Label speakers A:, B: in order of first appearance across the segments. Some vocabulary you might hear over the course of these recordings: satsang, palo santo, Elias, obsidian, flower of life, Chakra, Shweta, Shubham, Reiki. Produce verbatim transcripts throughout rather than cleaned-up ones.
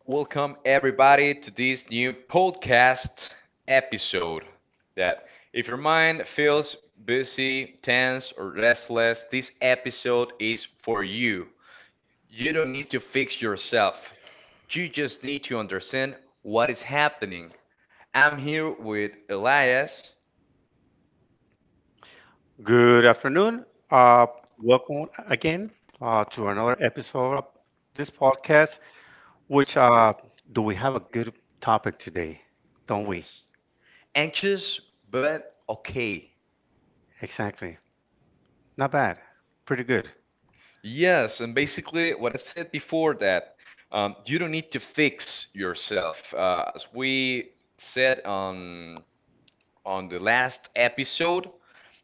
A: Welcome, everybody, to this new podcast episode. That if your mind feels busy, tense, or restless, this episode is for you. You don't need to fix yourself, you just need to understand what is happening. I'm here with Elias.
B: Good afternoon. Uh, welcome again uh, to another episode of this podcast. Which uh, do we have a good topic today? Don't we?
A: Yes. Anxious, but okay.
B: Exactly. Not bad. Pretty good.
A: Yes, and basically what I said before that um, you don't need to fix yourself. Uh, as we said on on the last episode,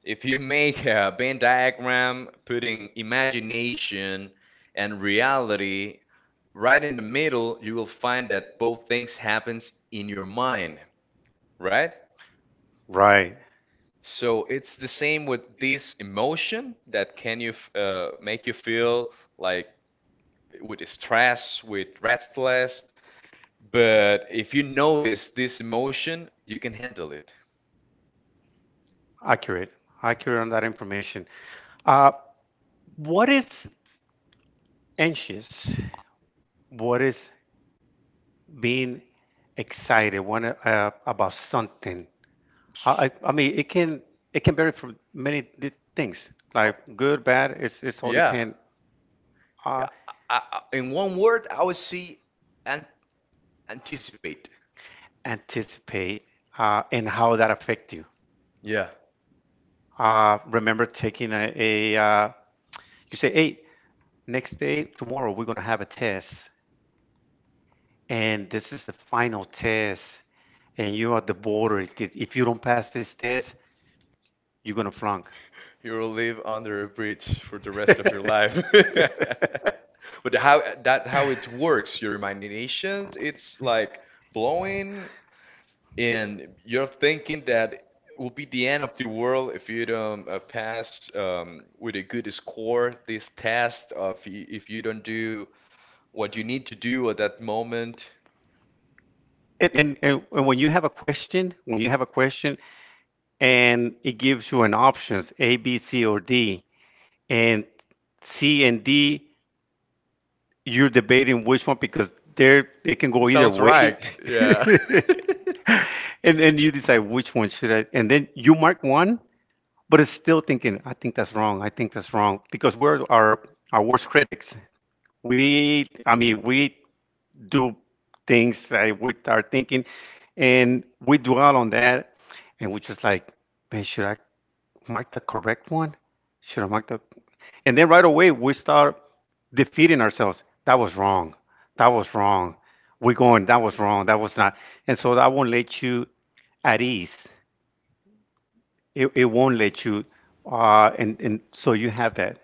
A: if you make a Venn diagram putting imagination and reality right in the middle, you will find that both things happens in your mind, right?
B: Right.
A: So it's the same with this emotion that can you f- uh, make you feel like with stress, with restless. But if you notice this emotion, you can handle it.
B: Accurate. Accurate on that information. Uh, what is anxious? What is being excited? What, uh, about something? I, I I mean,
A: Oh.
B: it can it can vary from many di- things, like good, bad. It's it's all
A: Yeah.
B: depend.
A: Yeah.
B: Uh,
A: I, I, in one word, I would say an anticipate.
B: anticipate uh, and how that affect you.
A: Yeah.
B: Uh, remember taking a, a uh, you say, hey, next day, tomorrow, we're gonna have a test, and this is the final test, and you're at the border. If you don't pass this test, you're gonna flunk.
A: You will live under a bridge for the
B: You're
A: rest of your life. But how that how it works, your imagination, it's like blowing. And you're thinking that it will be the end of the world if you don't uh, pass um, with a good score this test of y- if you don't do what you need to do at that moment.
B: and, and, and and when you have a question, when you have a question, and it gives you an options A, B, C, or D, and C and D you're debating which one because they're they can go either
A: Sounds
B: way.
A: right. Yeah.
B: And then you decide which one should I, and then you mark one, but it's still thinking, I think that's wrong, I think that's wrong. Because we're our our worst critics. We I mean we do things uh, with our thinking and we dwell on that and we're just like, man, should I mark the correct one. Should I mark the. And then right away we start defeating ourselves. That was wrong. That was wrong. We're going. That was wrong. That was not. And so that won't let you at ease. It, it won't let you. Uh, and and so you have that.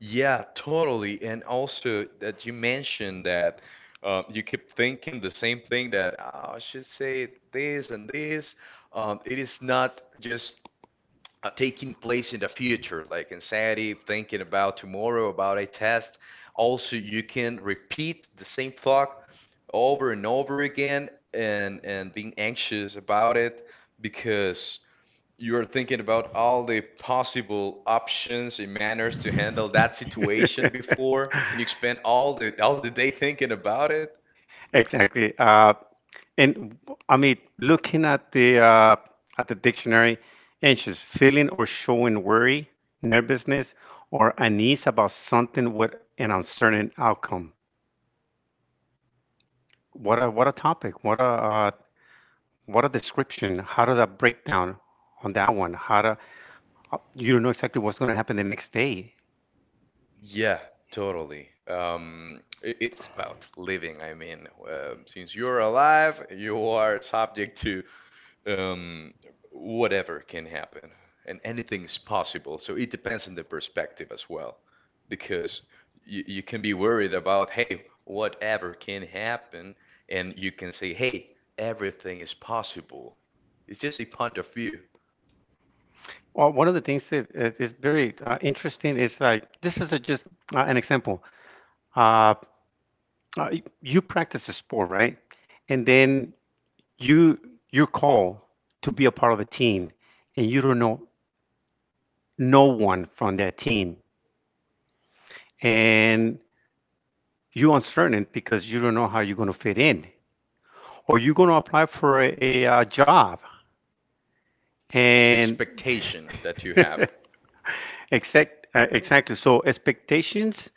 A: Yeah, totally. And also that you mentioned that uh, you keep thinking the same thing that, "Ah, I should say this and this." Um, it is not just uh, taking place in the future, like anxiety, thinking about tomorrow, about a test. Also, you can repeat the same thought over and over again and, and being anxious about it because you are thinking about all the possible options and manners to handle that situation before, and you spend all the all the day thinking about it.
B: Exactly. Uh, And I mean, looking at the uh, at the dictionary, anxious, feeling or showing worry, nervousness, or unease about something with an uncertain outcome. What a what a topic. What a uh, what a description. How did that breakdown on that one? How to uh, you don't know exactly what's going to happen the next day.
A: Yeah, totally. Um, i- it's about living. I mean, um, since you're alive, you are subject to um, whatever can happen, and anything's possible. So it depends on the perspective as well, because you, you can be worried about, hey, whatever can happen, and you can say, hey, everything is possible. It's just a point of view,
B: Well, one of the things that is, is very uh, interesting is like this is a, just uh, an example. Uh, uh, y- you practice a sport, right? And then you your call to be a part of a team and you don't know no one from that team and you're uncertain because you don't know how you're going to fit in, or you're going to apply for a, a, uh job,
A: the
B: and
A: expectation that you have.
B: exact uh, exactly. So expectations,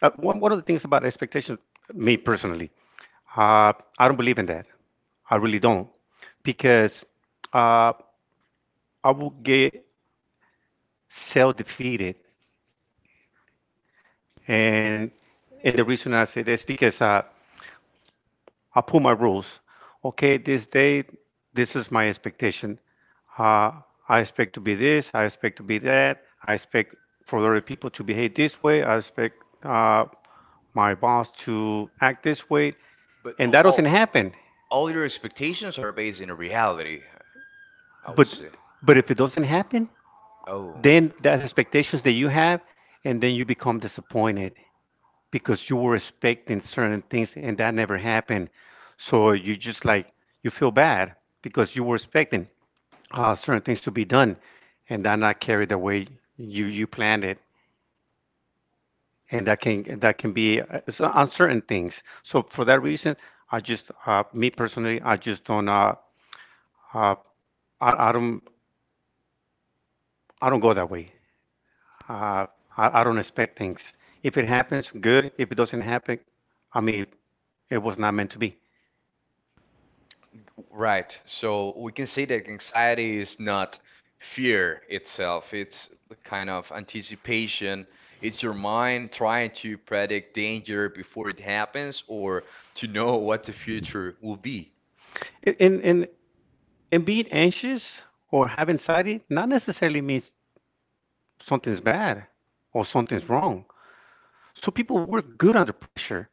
B: uh, one, one of the things about expectations, me personally, uh, I don't believe in that. I really don't, because uh, I will get self-defeated. And and the reason I say this, because uh, I put my rules. Okay, this day, this is my expectation. Uh, I expect to be this. I expect to be that. I expect for other people to behave this way. I expect uh, my boss to act this way,
A: But
B: and that doesn't
A: all
B: happen.
A: all your expectations are based in reality, I would
B: But
A: say.
B: but if it doesn't happen,
A: Oh,
B: then that's expectations that you have, and then you become disappointed. Because you were expecting certain things and that never happened. So you just like you feel bad because you were expecting uh, certain things to be done and that not carried the way you you planned it, and that can that can be uh, s- uncertain things. So for that reason, I just uh, me personally, I just don't uh, uh I, I don't I don't go that way. Uh, I, I don't expect things. If it happens, good. If it doesn't happen, I mean, it was not meant to be.
A: that, right. So we can say that anxiety is not fear itself, it's the kind of anticipation. It's your mind trying to predict danger before it happens or to know what the future will be.
B: And and And being anxious or have anxiety not necessarily means something's bad or something's wrong. So people work good under pressure.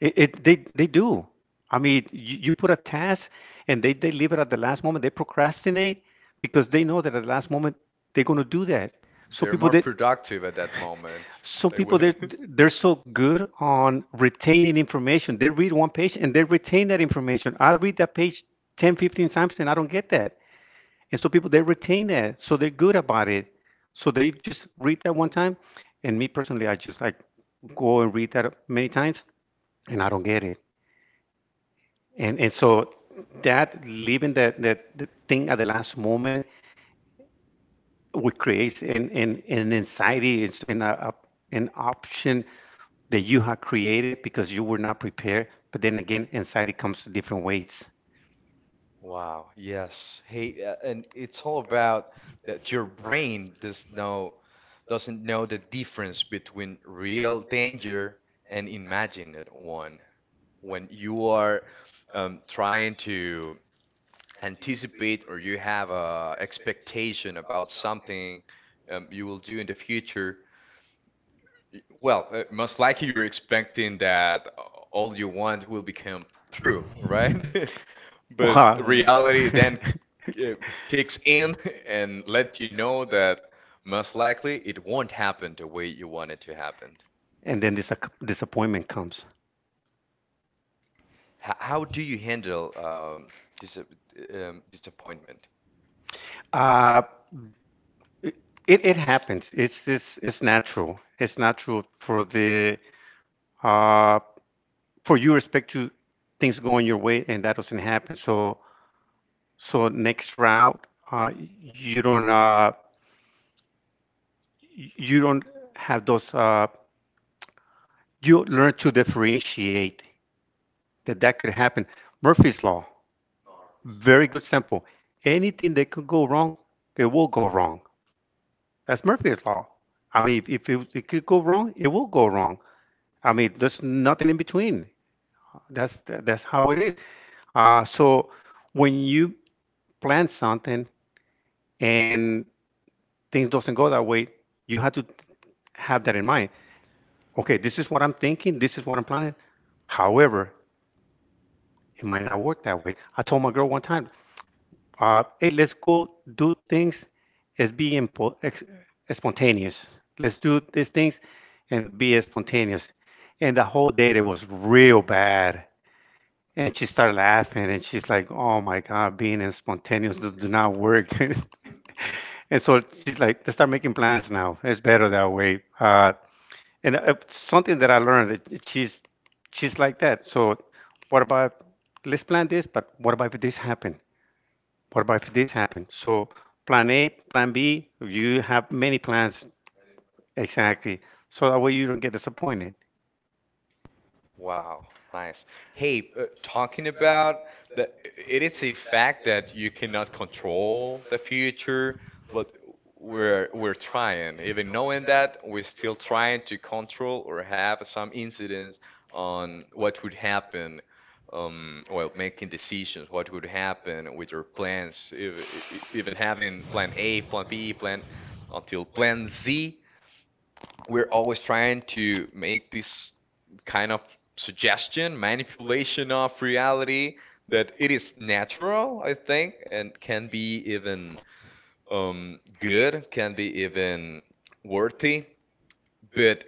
B: It, it they they do. I mean, you, you put a task and they they leave it at the last moment. They procrastinate because they know that at the last moment they're going to do that. So
A: They're
B: people
A: more so,
B: that
A: productive at that moment.
B: some
A: They so
B: people
A: will.
B: they're they're so good on retaining information. They read one page and they retain that information. I read that page ten, fifteen times and I don't get that. And so people they retain that, so they're good about it. So they just read that one time, and me personally, I just like go and read that many times, and I don't get it. And and so that leaving that that the thing at the last moment would create an an, an anxiety. It's an a, an option that you have created because you were not prepared. But then again, anxiety comes different ways.
A: Wow, yes. Hey, uh, and it's all about that your brain does know doesn't know the difference between real danger and imagined one. When you are um, trying to anticipate or you have a expectation about something um, you will do in the future, well, uh, most likely you're expecting that all you want will become true, right? But
B: Wow.
A: reality then uh, kicks in and let you know that most likely it won't happen the way you want it to happen.
B: And then this disappointment comes.
A: H how do you handle um, dis um, disappointment?
B: Uh, It, it it happens. It's it's it's natural. It's natural for the uh for you respect to things going your way and that doesn't happen. So so next round, uh you don't uh y- you don't have those, uh you learn to differentiate that that could happen. Murphy's law, very good sample. Anything that could go wrong, it will go wrong. That's Murphy's law. I mean, if, if it, it could go wrong, it will go wrong. I mean, there's nothing in between. That's that's how it is. Uh, so when you plan something and things doesn't go that way, you have to have that in mind. Okay, this is what I'm thinking. This is what I'm planning. However, it might not work that way. I told my girl one time, uh, "Hey, let's go do things as being impo- ex- spontaneous. Let's do these things and be spontaneous." And the whole date it was real bad. And she started laughing and she's like, "Oh my God, being and spontaneous do, do not work." And so she's like, "Let's start making plans now. It's better that way." Uh, and uh, Something that I learned, it- it- she's she's like that. So what about let's plan this, but what about if this happen? What about if this happen? So plan A, plan B, you have many plans. Exactly. So that way you don't get disappointed.
A: Wow, nice. Hey, uh, talking about the, it is a fact that you cannot control the future, but we're we're trying. Even knowing that, we're still trying to control or have some incidents on what would happen. Um, well, making decisions, what would happen with your plans, e- e- even having plan A, plan B, plan until plan Z, we're always trying to make this kind of suggestion, manipulation of reality that it is natural, I think, and can be even um, good, can be even worthy, but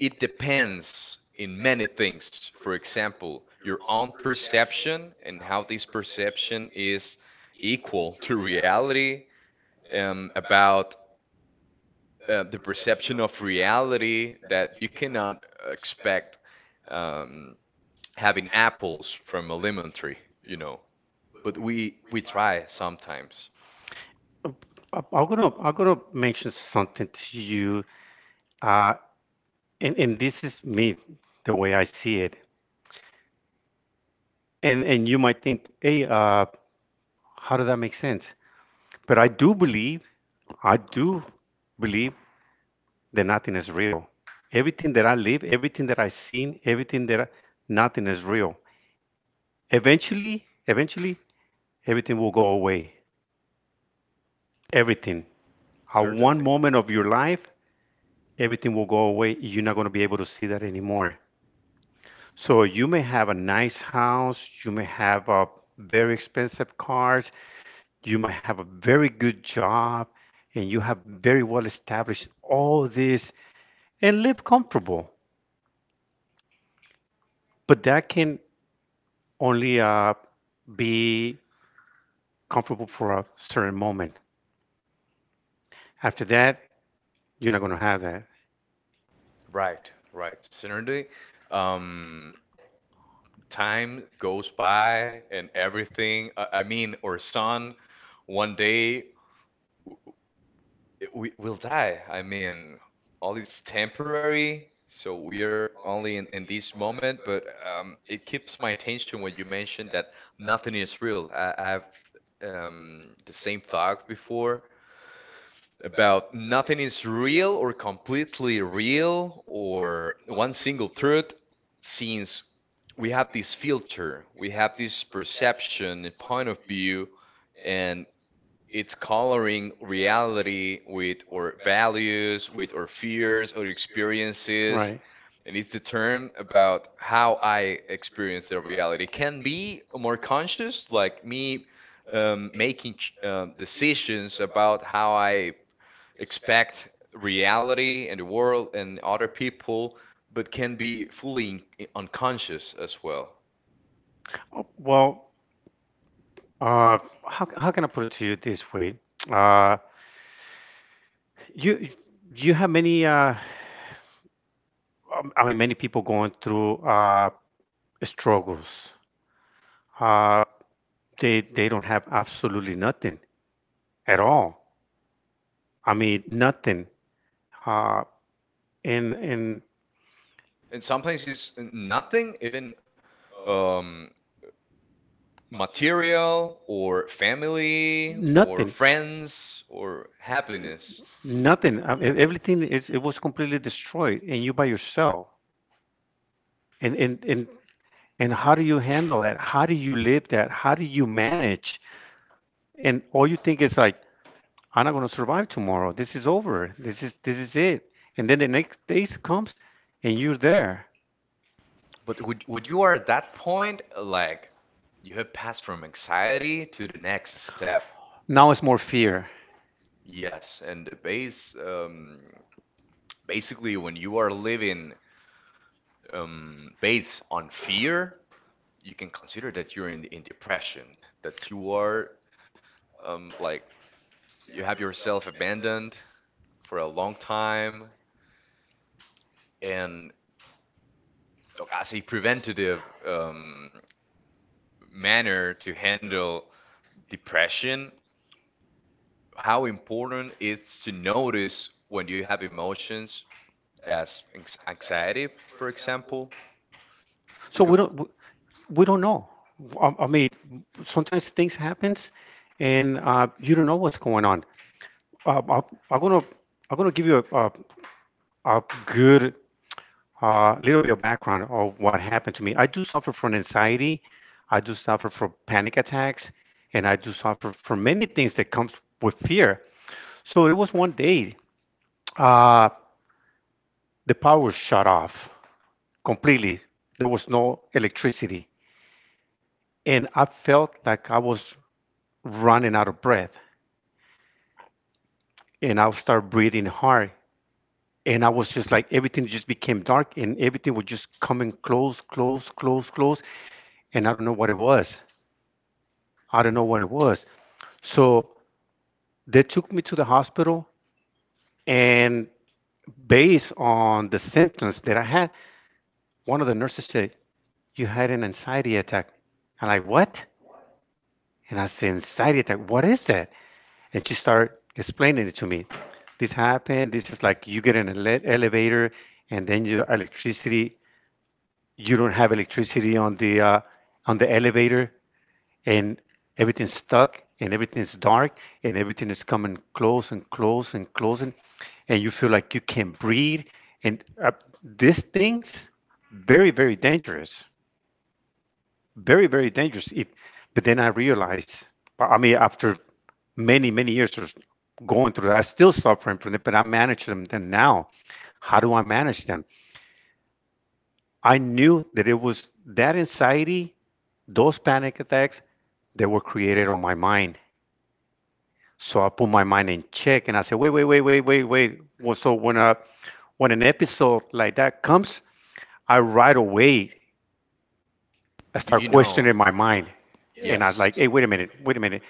A: it depends in many things. For example, your own perception and how this perception is equal to reality, um, about uh, the perception of reality that you cannot expect um, having apples from a lemon tree, you know. But we we try sometimes,
B: Um, I- I'm gonna I'm gonna mention something to you. Uh, and and this is me, the way I see it, and and you might think, hey, uh how did that make sense, but i do believe i do believe that nothing is real. Everything that I live, everything that I seen, everything that I, nothing is real. Eventually eventually everything will go away. Everything at one
A: certainly.
B: moment of your life, everything will go away. You're not going to be able to see that anymore. So you may have a nice house, you may have uh, very expensive cars, you might have a very good job, and you have very well established all this and live comfortable. But that can only uh, be comfortable for a certain moment. After that, you're not going to have that.
A: Right, right. Certainly, um, time goes by and everything. I, I mean, our son, one day it- we will die. I mean, all it's temporary, so we're only in, in this moment, but um, it keeps my attention when you mentioned that nothing is real. I, I've um, the same thought before about nothing is real or completely real or one single truth, since we have this filter, we have this perception, point of view, and it's coloring reality with our values, with our fears, our experiences,
B: Right.
A: and it's determined about how I experience the reality. It can be more conscious, like me um, making ch- um, decisions about how I expect reality and the world and other people, but can be fully in- unconscious as well.
B: Oh, well, uh, how, how can I put it to you this way? Uh, you you have many. Uh, um, I mean, many people going through uh, struggles. Uh, they they don't have absolutely nothing at all. I mean, nothing. Uh, and and
A: And sometimes it's nothing, even um, material or family or
B: nothing,
A: friends or happiness.
B: nothing. Um, e- everything is it was completely destroyed, and you by yourself. And and and and how do you handle that? How do you live that? How do you manage? And all you think is like, I'm not going to survive tomorrow. This is over. This is this is it. And then the next day comes, and you're there.
A: But when, when you are at that point, like you have passed from anxiety to the next step.
B: Now it's more fear.
A: Yes, and the base um, basically when you are living um, based on fear, you can consider that you're in, in depression, that you are um, like you have yourself abandoned for a long time, and as a preventative um, manner to handle depression, how important it's to notice when you have emotions as anx- anxiety, for example,
B: So
A: because
B: we don't we- we don't know. I, I mean, sometimes things happens, and uh, you don't know what's going on. Uh, I, I'm gonna I'm gonna give you a a, a good uh, little bit of background of what happened to me. I do suffer from anxiety. I do suffer from panic attacks, and I do suffer from many things that comes with fear. So it was one day. Uh, the power shut off completely. There was no electricity. And I felt like I was running out of breath. And I started breathing hard. And I was just like, everything just became dark and everything was just coming close, close, close, close. And I don't know what it was. I don't know what it was. So they took me to the hospital. And based on the symptoms that I had, one of the nurses said, "You had an anxiety attack." I'm like, "What?" And I was excited, that what is that? And she started explaining it to me. This happened. This is like you get in an ele- elevator, and then your electricity. You don't have electricity on the uh, on the elevator, and everything's stuck, and everything's dark, and everything is coming close and close and closing, and you feel like you can't breathe. And uh, These things very very dangerous, very very dangerous. If But then I realized, I mean after many many years of going through that, I still suffering from it but I manage them. Then, now, how do I manage them? I knew that it was that anxiety, those panic attacks that were created on my mind. So I put my mind in check and I said, wait wait wait wait wait wait, well, so when a when an episode like that comes, I, right away, I
A: you, you
B: start
A: know,
B: questioning my mind. And I was
A: yes.
B: like, hey, wait a minute, wait a minute,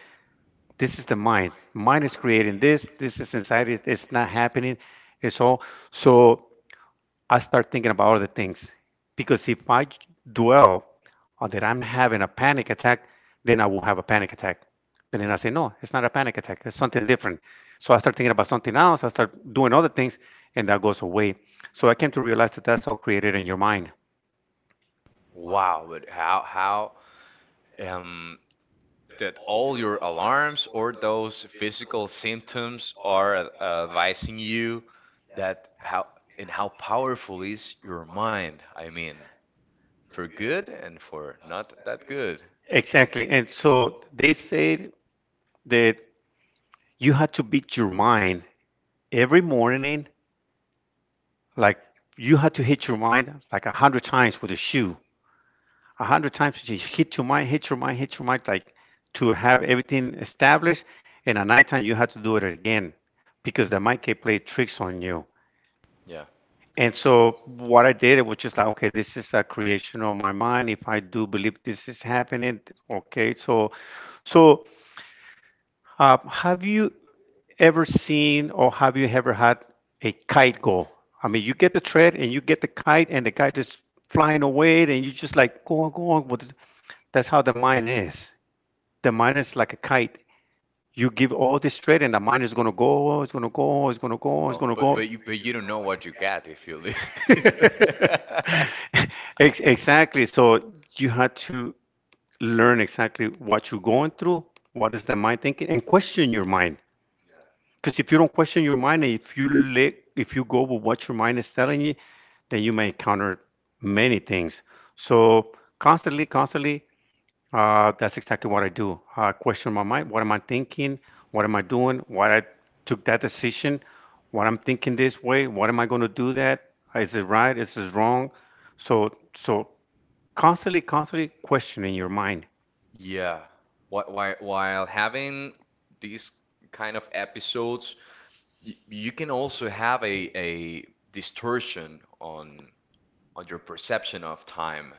B: this is the mind. Mind is creating this. This is inside. It's, it's not happening. It's all. So I start thinking about other things, because if I dwell on that I'm having a panic attack, then I will have a panic attack. But then I say, no, it's not a panic attack, it's something different. So I start thinking about something else. I start doing other things, and that goes away. So I came to realize that that's all created in your mind.
A: Wow, but how how um that all your alarms or those physical symptoms are uh, advising you that how and how powerful is your mind. I mean, for good and for not that good.
B: Exactly. And so they said that you had to beat your mind every morning. Like you had to hit your mind like a hundred times with a shoe. A hundred times, you just hit your mind, hit your mind, hit your mind, like, to have everything established. And at nighttime you had to do it again, because the mind can play tricks on you.
A: Yeah.
B: And so what I did, it was just like, okay, this is a creation of my mind. If I do believe this is happening, okay. So, so uh, have you ever seen, or have you ever had a kite go? I mean, you get the thread and you get the kite, and the kite is flying away, and you just like go on, go on. But that's how the mind is. The mind is like a kite. You give all this thread, and the mind is gonna go, it's gonna go, it's gonna go, it's
A: Well,
B: gonna
A: but
B: go.
A: but you but you don't know what you got if you leave.
B: Ex- exactly. So you had to learn exactly what you're going through, what is the mind thinking, and question your mind. Because if you don't question your mind, and if you let, if you go with what your mind is telling you, then you may encounter many things. So constantly, constantly, uh, that's exactly what I do. I question my mind. What am I thinking? What am I doing? Why I took that decision? What I'm thinking this way? What am I going to do that? Is it right? Is it wrong? So, so constantly, constantly questioning your mind,
A: Yeah. Wh- While while having these kind of episodes, y- you can also have a a distortion on on your perception of time.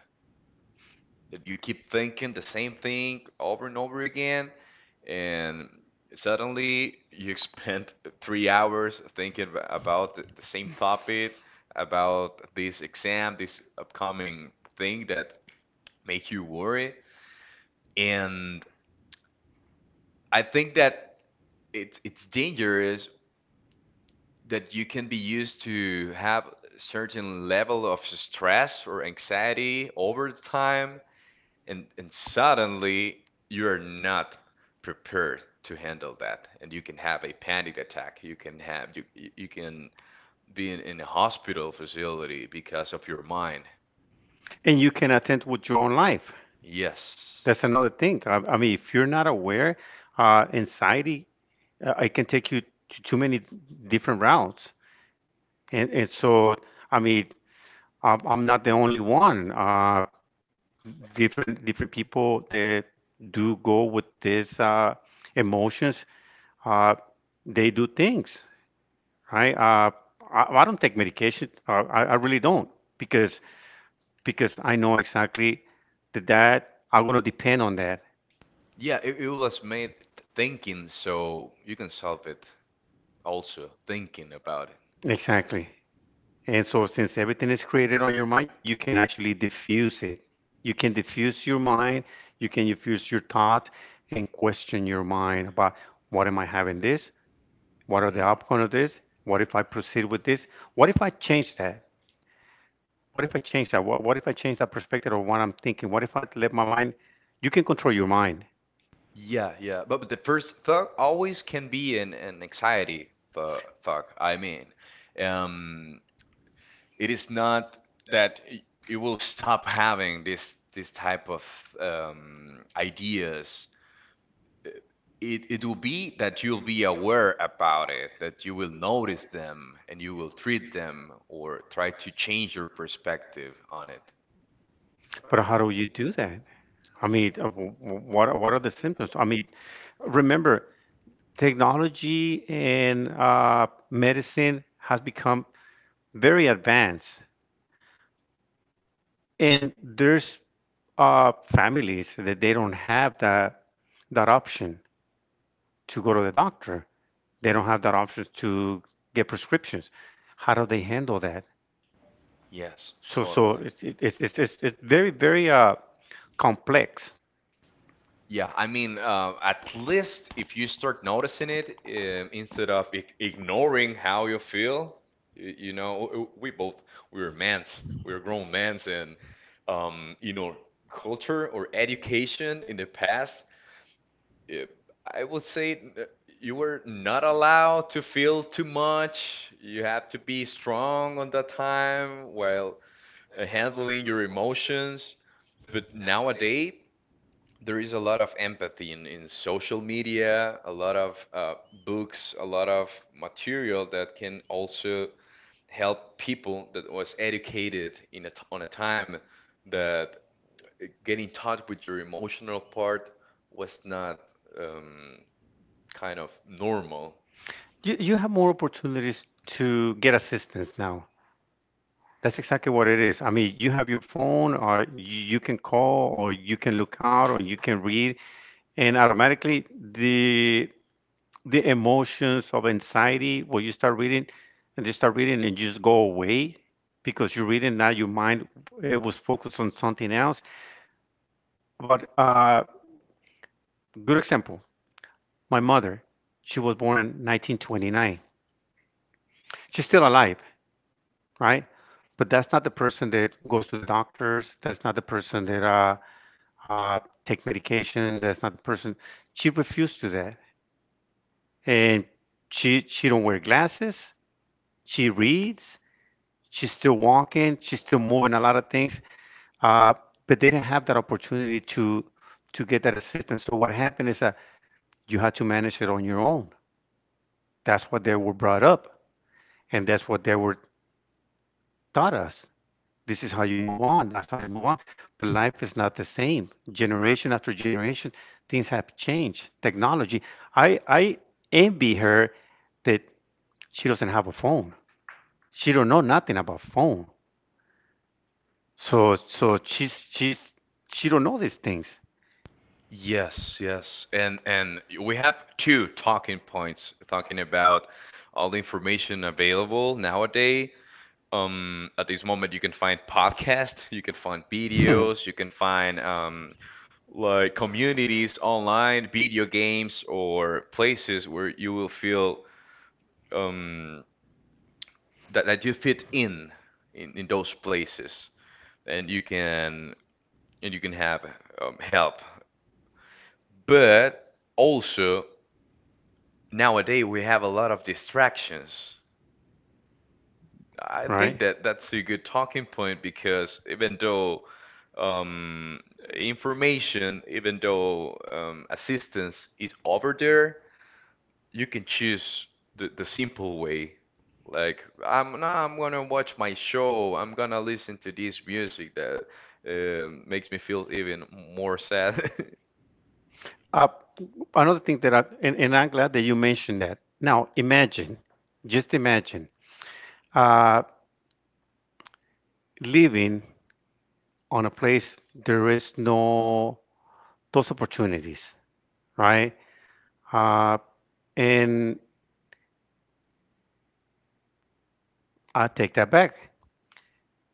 A: That you keep thinking the same thing over and over again, and suddenly you spent three hours thinking about the same topic, about this exam, this upcoming thing that make you worry. And I think that it's it's dangerous that you can be used to have a certain level of stress or anxiety over time, and and suddenly you're not prepared to handle that and you can have a panic attack, you can have, you you you can be in, in a hospital facility because of your mind.
B: and you can attend with your own life.
A: Yes.
B: That's another thing. I, I mean, if you're not aware, uh, anxiety uh, I can take you to too many different routes. And, and so, I mean, I'm, I'm not the only one. Uh, different different people that do go with these uh, emotions, uh, they do things, right? Uh, I, I don't take medication. Uh, I, I really don't, because because I know exactly that, that I'm gonna depend on that.
A: Yeah, it, it was made thinking so you can solve it also thinking about it.
B: Exactly. And so, since everything is created on your mind, you can actually diffuse it. You can diffuse your mind, you can diffuse your thoughts, and question your mind about, what am I having this? What are the
A: Mhm.
B: outcome of this? What if I proceed with this? What if I change that? What if I change that? What, what if I change that perspective of what I'm thinking? What if I let my mind? You can control your mind,
A: Yeah, yeah. But, but the first thought always can be an, an anxiety th thought. I mean, um, it is not that y- you will stop having this this type of um, ideas. It it will be that you'll be aware about it, that you will notice them and you will treat them or try to change your perspective on it.
B: but how do you do that? I mean, uh, wh- wh- what are- what are the symptoms? I mean, remember, technology and uh, medicine has become very advanced, and there's uh, families that they don't have that that option to go to the doctor. They don't have that option to get prescriptions. How do they handle that?
A: Yes,
B: So so
A: totally.
B: it's it, it's it's, it's, it's very very uh, complex.
A: Yeah, I mean, uh, at least if you start noticing it, um, instead of ig ignoring how you feel, y- you know, w- we both we were mans, we were grown mans, and um, you know, culture or education in the past, uh, I would say uh, you were not allowed to feel too much. You have to be strong on that time while uh, handling your emotions. But nowadays there is a lot of empathy in, in social media, a lot of uh, books, a lot of material that can also help people that was educated in a t on a time that getting touch with your emotional part was not um, kind of normal.
B: You, you have more opportunities to get assistance now. That's exactly what it is. I mean, you have your phone, or you you can call, or you can look out, or you can read, and automatically the the emotions of anxiety, when you start reading, and you start reading, and just go away because you're reading. Now your mind it was focused on something else. But uh, good example, my mother, she was born in nineteen twenty-nine. She's still alive, right? But that's not the person that goes to the doctors. That's not the person that uh, uh, take medication. That's not the person. She refused to that, and she she don't wear glasses. She reads. She's still walking. She's still moving a lot of things. Uh, but they didn't have that opportunity to to get that assistance. So what happened is that you had to manage it on your own. That's what they were brought up, and that's what they were taught us. This is how you move on. That's how you move on. But life is not the same. Generation after generation, things have changed. Technology. I I envy her that she doesn't have a phone. She don't know nothing about phone. So so she's she's she don't know these things.
A: Yes, yes. And and we have two talking points talking about all the information available nowadays. Um, at this moment, you can find podcasts, you can find videos, you can find um, like communities online, video games, or places where you will feel um, that, that you fit in, in in those places, and you can and you can have um, help. But also nowadays we have a lot of distractions. I
B: Right.
A: think that that's a good talking point because even though um, information, even though um, assistance is over there, you can choose the, the simple way. Like, I'm now I'm gonna watch my show. I'm gonna listen to this music that um makes me feel even more sad.
B: Uh, another thing that I, and, and I'm glad that you mentioned that. Now imagine, just imagine, uh, living on a place there is no those opportunities, right? Uh, and I take that back.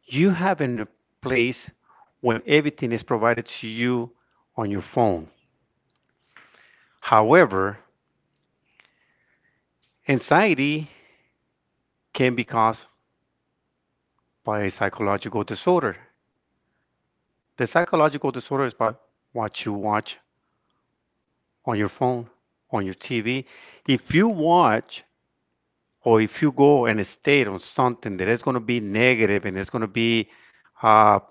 B: You have in a place when everything is provided to you on your phone. However, anxiety can be caused by a psychological disorder. The psychological disorder is by what you watch on your phone, on your T V. If you watch or if you go and stay on something that is going to be negative, and it's going to be, uh,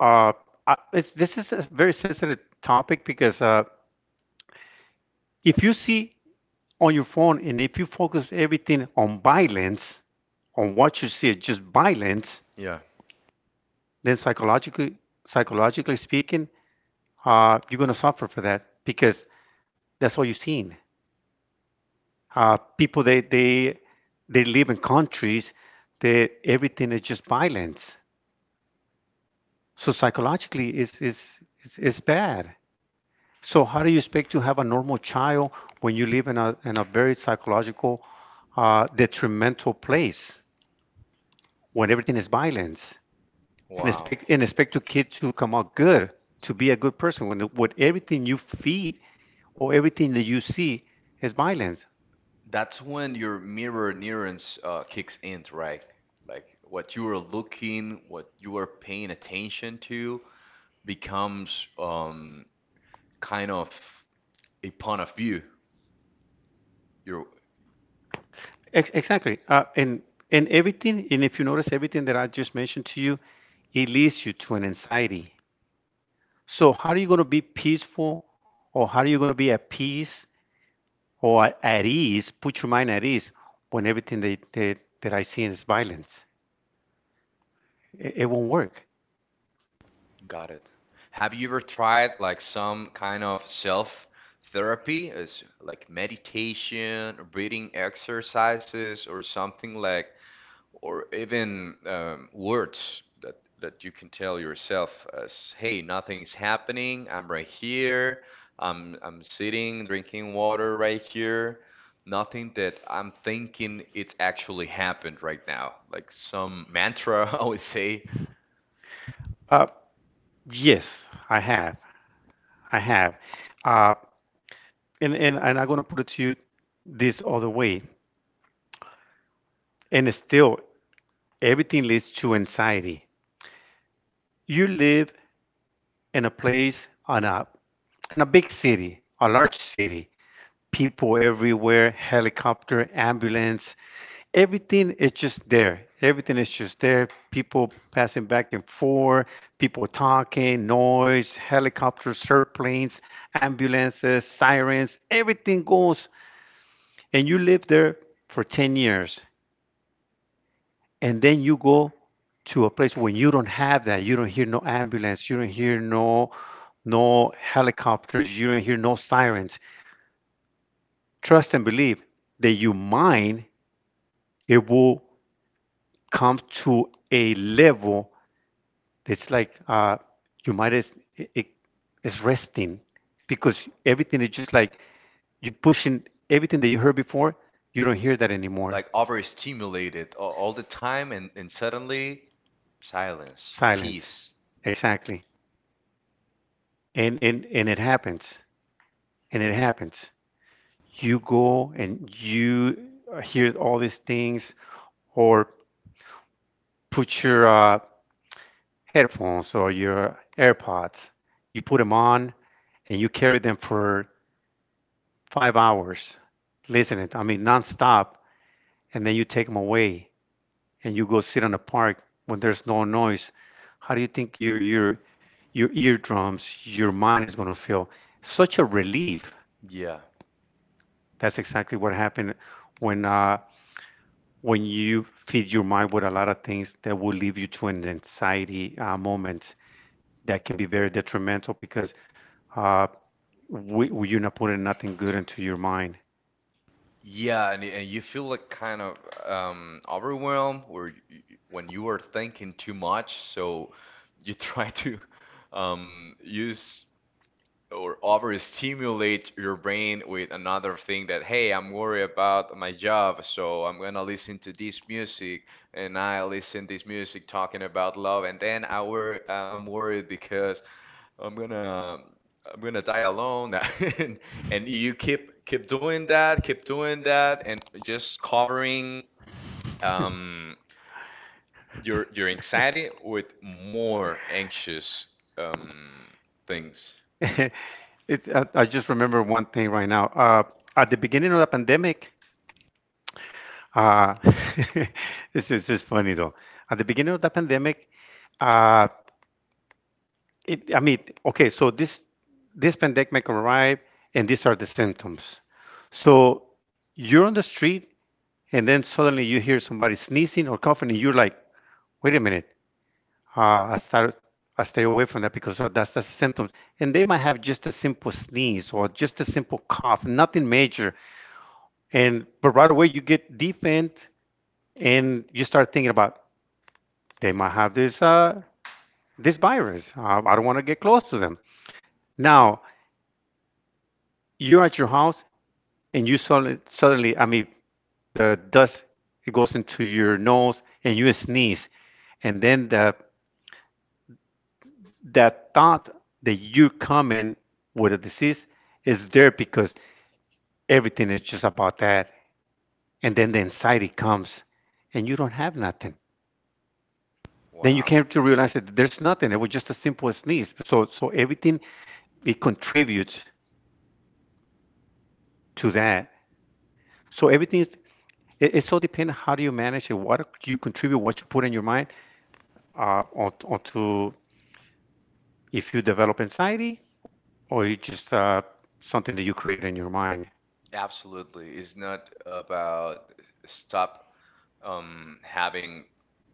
B: uh, uh, it's, this is a very sensitive topic, because uh, if you see on your phone and if you focus everything on violence, on what you see as just violence,
A: Yeah.
B: then psychologically, psychologically speaking, uh, you're going to suffer for that because that's all you've seen. Uh, people they they they live in countries that everything is just violence. So psychologically, is is is is bad. So how do you expect to have a normal child when you live in a in a very psychological uh, detrimental place when everything is violence, and
A: Wow.
B: expect and expect your kid to come out good, to be a good person, when with everything you feed or everything that you see is violence.
A: That's when your mirror neurons uh, kicks in, right? Like what you are looking, what you are paying attention to, becomes um, kind of a point of view. You
B: Ex- exactly. Uh, and and everything, and if you notice everything that I just mentioned to you, it leads you to an anxiety. So how are you going to be peaceful, or how are you going to be at peace, or at at ease? Put your mind at ease when everything that that, that I see is violence. It, it won't work.
A: got it. Have you ever tried like some kind of self therapy, as like meditation, breathing exercises, or something like or even um, words that that you can tell yourself as, hey, nothing's happening, I'm right here, i'm I'm sitting drinking water right here, nothing that I'm thinking it's actually happened right now, like some mantra. I would say
B: Uh, yes, I have. I have. Uh, and and and I'm going to put it to you this other way. And it's still, everything leads to anxiety. You live in a place on a in a big city, a large city, people everywhere, helicopter, ambulance, everything is just there. Everything is just there. People passing back and forth, people talking, noise, helicopters, airplanes, ambulances, sirens, everything goes. And you live there for ten years. And then you go to a place when you don't have that. You don't hear no ambulance, you don't hear no no helicopters, you don't hear no sirens. Trust and believe that your mind it will come to a level that's like, uh you might as it, it- it's resting, because everything is just like you pushing everything that you heard before, you don't hear that anymore.
A: like overstimulated a- all the time, and, and suddenly silence peace.
B: Silence. Exactly. and and and it happens, and it happens. You go and you hear all these things, or put your uh, headphones or your AirPods, you put them on and you carry them for five hours listening, I mean nonstop, and then you take them away and you go sit in a park when there's no noise. How do you think your your your eardrums, your mind is going to feel such a relief?
A: Yeah.
B: That's exactly what happened when uh, when you feed your mind with a lot of things that will lead you to an anxiety uh, moment that can be very detrimental, because uh, we, we- you're not putting nothing good into your mind.
A: Yeah, and, y- and you feel like kind of um, overwhelmed or y- y- when you are thinking too much, so you try to um, use or overstimulate your brain with another thing that, hey, I'm worried about my job, so I'm gonna listen to this music, and I listen this music talking about love, and then I wor- uh, I'm worried I'm gonna I'm gonna die alone. and, and you keep keep doing that keep doing that and just covering um, your your anxiety with more anxious um, things.
B: it, I, I just remember one thing right now. Uh, at the beginning of the pandemic, uh, this is just funny though. At the beginning of the pandemic, uh, it, I mean, okay, so this this pandemic arrived, and these are the symptoms. So you're on the street and then suddenly you hear somebody sneezing or coughing, and you're like, wait a minute, uh, I start, I stay away from that because of- that's the symptoms. And they might have just a simple sneeze or just a simple cough, nothing major. And but right away you get defense, and you start thinking about they might have this uh, this virus. Uh, I don't want to get close to them. Now you're at your house, and you suddenly, suddenly, I mean, the dust it goes into your nose, and you sneeze, and then the that thought that you come in with a disease is there, because everything is just about that. And then the anxiety comes, and you don't have nothing. Then you
A: Wow.
B: came to realize that there's nothing. It was just a simple sneeze. So so everything it contributes to that. So everything is it, it's so dependent on how do you manage it, what you contribute, what you put in your mind, uh, or, or to if you develop anxiety, or you just uh, something that you create in your mind.
A: Absolutely. It's not about stop um, having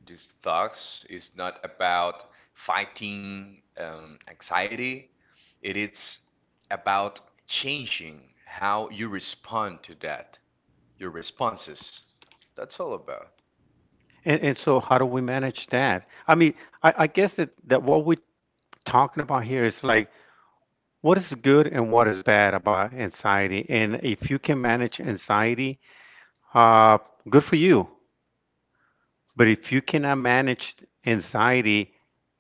A: these thoughts. It's not about fighting um, anxiety. It is about changing how you respond to that, your responses. That's all about.
B: And, and so, how do we manage that? I mean, I, I guess that, that what we're talking about here is like what is good and what is bad about anxiety. And if you can manage anxiety, uh, good for you. But if you cannot manage anxiety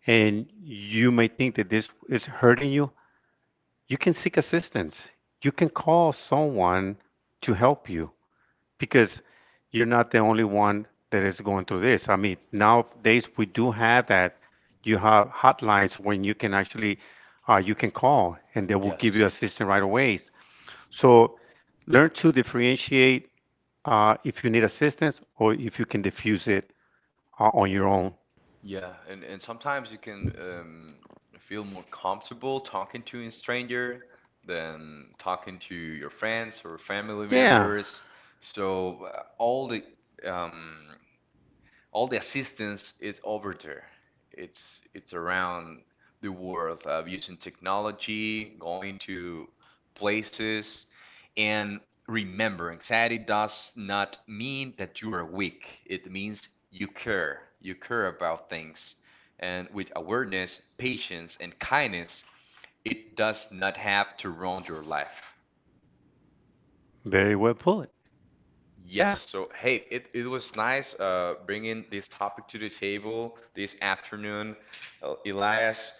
B: and you may think that this is hurting you, you can seek assistance. You can call someone to help you, because you're not the only one that is going through this. I mean, nowadays we do have that. You have hotlines when you can actually uh, you can call, and they will give you
A: Yes.
B: assistance right away. So learn to differentiate uh, if you need assistance or if you can diffuse it uh, on your own.
A: Yeah, and, and sometimes you can um, feel more comfortable talking to a stranger than talking to your friends or family
B: Yeah,
A: members. So uh, all the um, all the assistance is over there. It's it's around the world of using technology, going to places, and remember, anxiety does not mean that you are weak. It means you care. You care about things, and with awareness, patience, and kindness, it does not have to ruin your life.
B: very well put.
A: Yes,
B: Yeah.
A: so hey, it, it was nice uh, bringing this topic to the table this afternoon, El- Elias.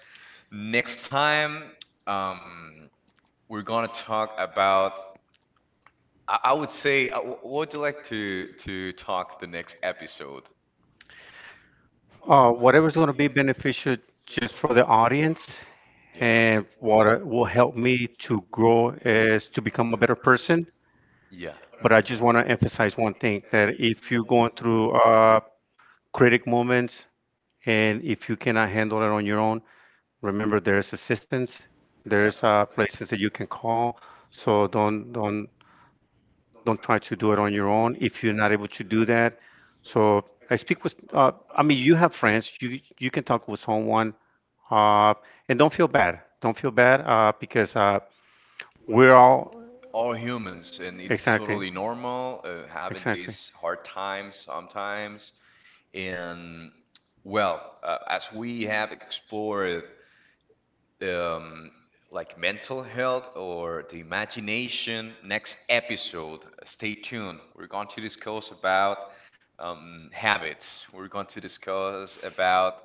A: Next time, um, we're gonna talk about. I, I would say, uh, wh- what would you like to to talk the next episode?
B: Uh, whatever's going to be beneficial just for the audience,
A: Yeah.
B: and what uh, will help me to grow is to become a better person.
A: Yeah.
B: But I just want to emphasize one thing, that if you're going through uh, critic moments and if you cannot handle it on your own, remember there's assistance,
A: Yeah.
B: there's uh, places that you can call. So don't don't don't try to do it on your own if you're not able to do that. So I speak with. Uh, I mean, you have friends. You you can talk with someone. Uh, and don't feel bad. Don't feel bad uh, because uh, we're all
A: All humans, and it's
B: exactly,
A: totally normal uh, having
B: exactly.
A: these hard times sometimes. And well, uh, as we have explored um, like mental health or the imagination, next episode, stay tuned. We're going to discuss about um, habits. We're going to discuss about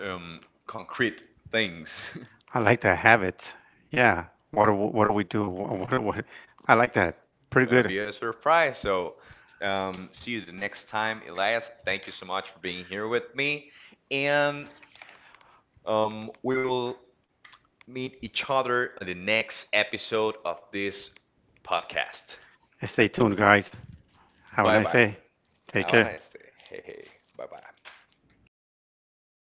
A: um, concrete things.
B: I like that habit. Yeah. What do, what do we do? What, what, do- what? I like that. Pretty
A: Gonna
B: good.
A: be a surprise. So, um, see you the next time, Elias. Thank you so much for being here with me, and um, we will meet each other on the next episode of this podcast.
B: Stay tuned, guys. Have a
A: Bye
B: nice
A: bye.
B: day. Take
A: Have a
B: care.
A: nice day. Hey hey. Bye bye.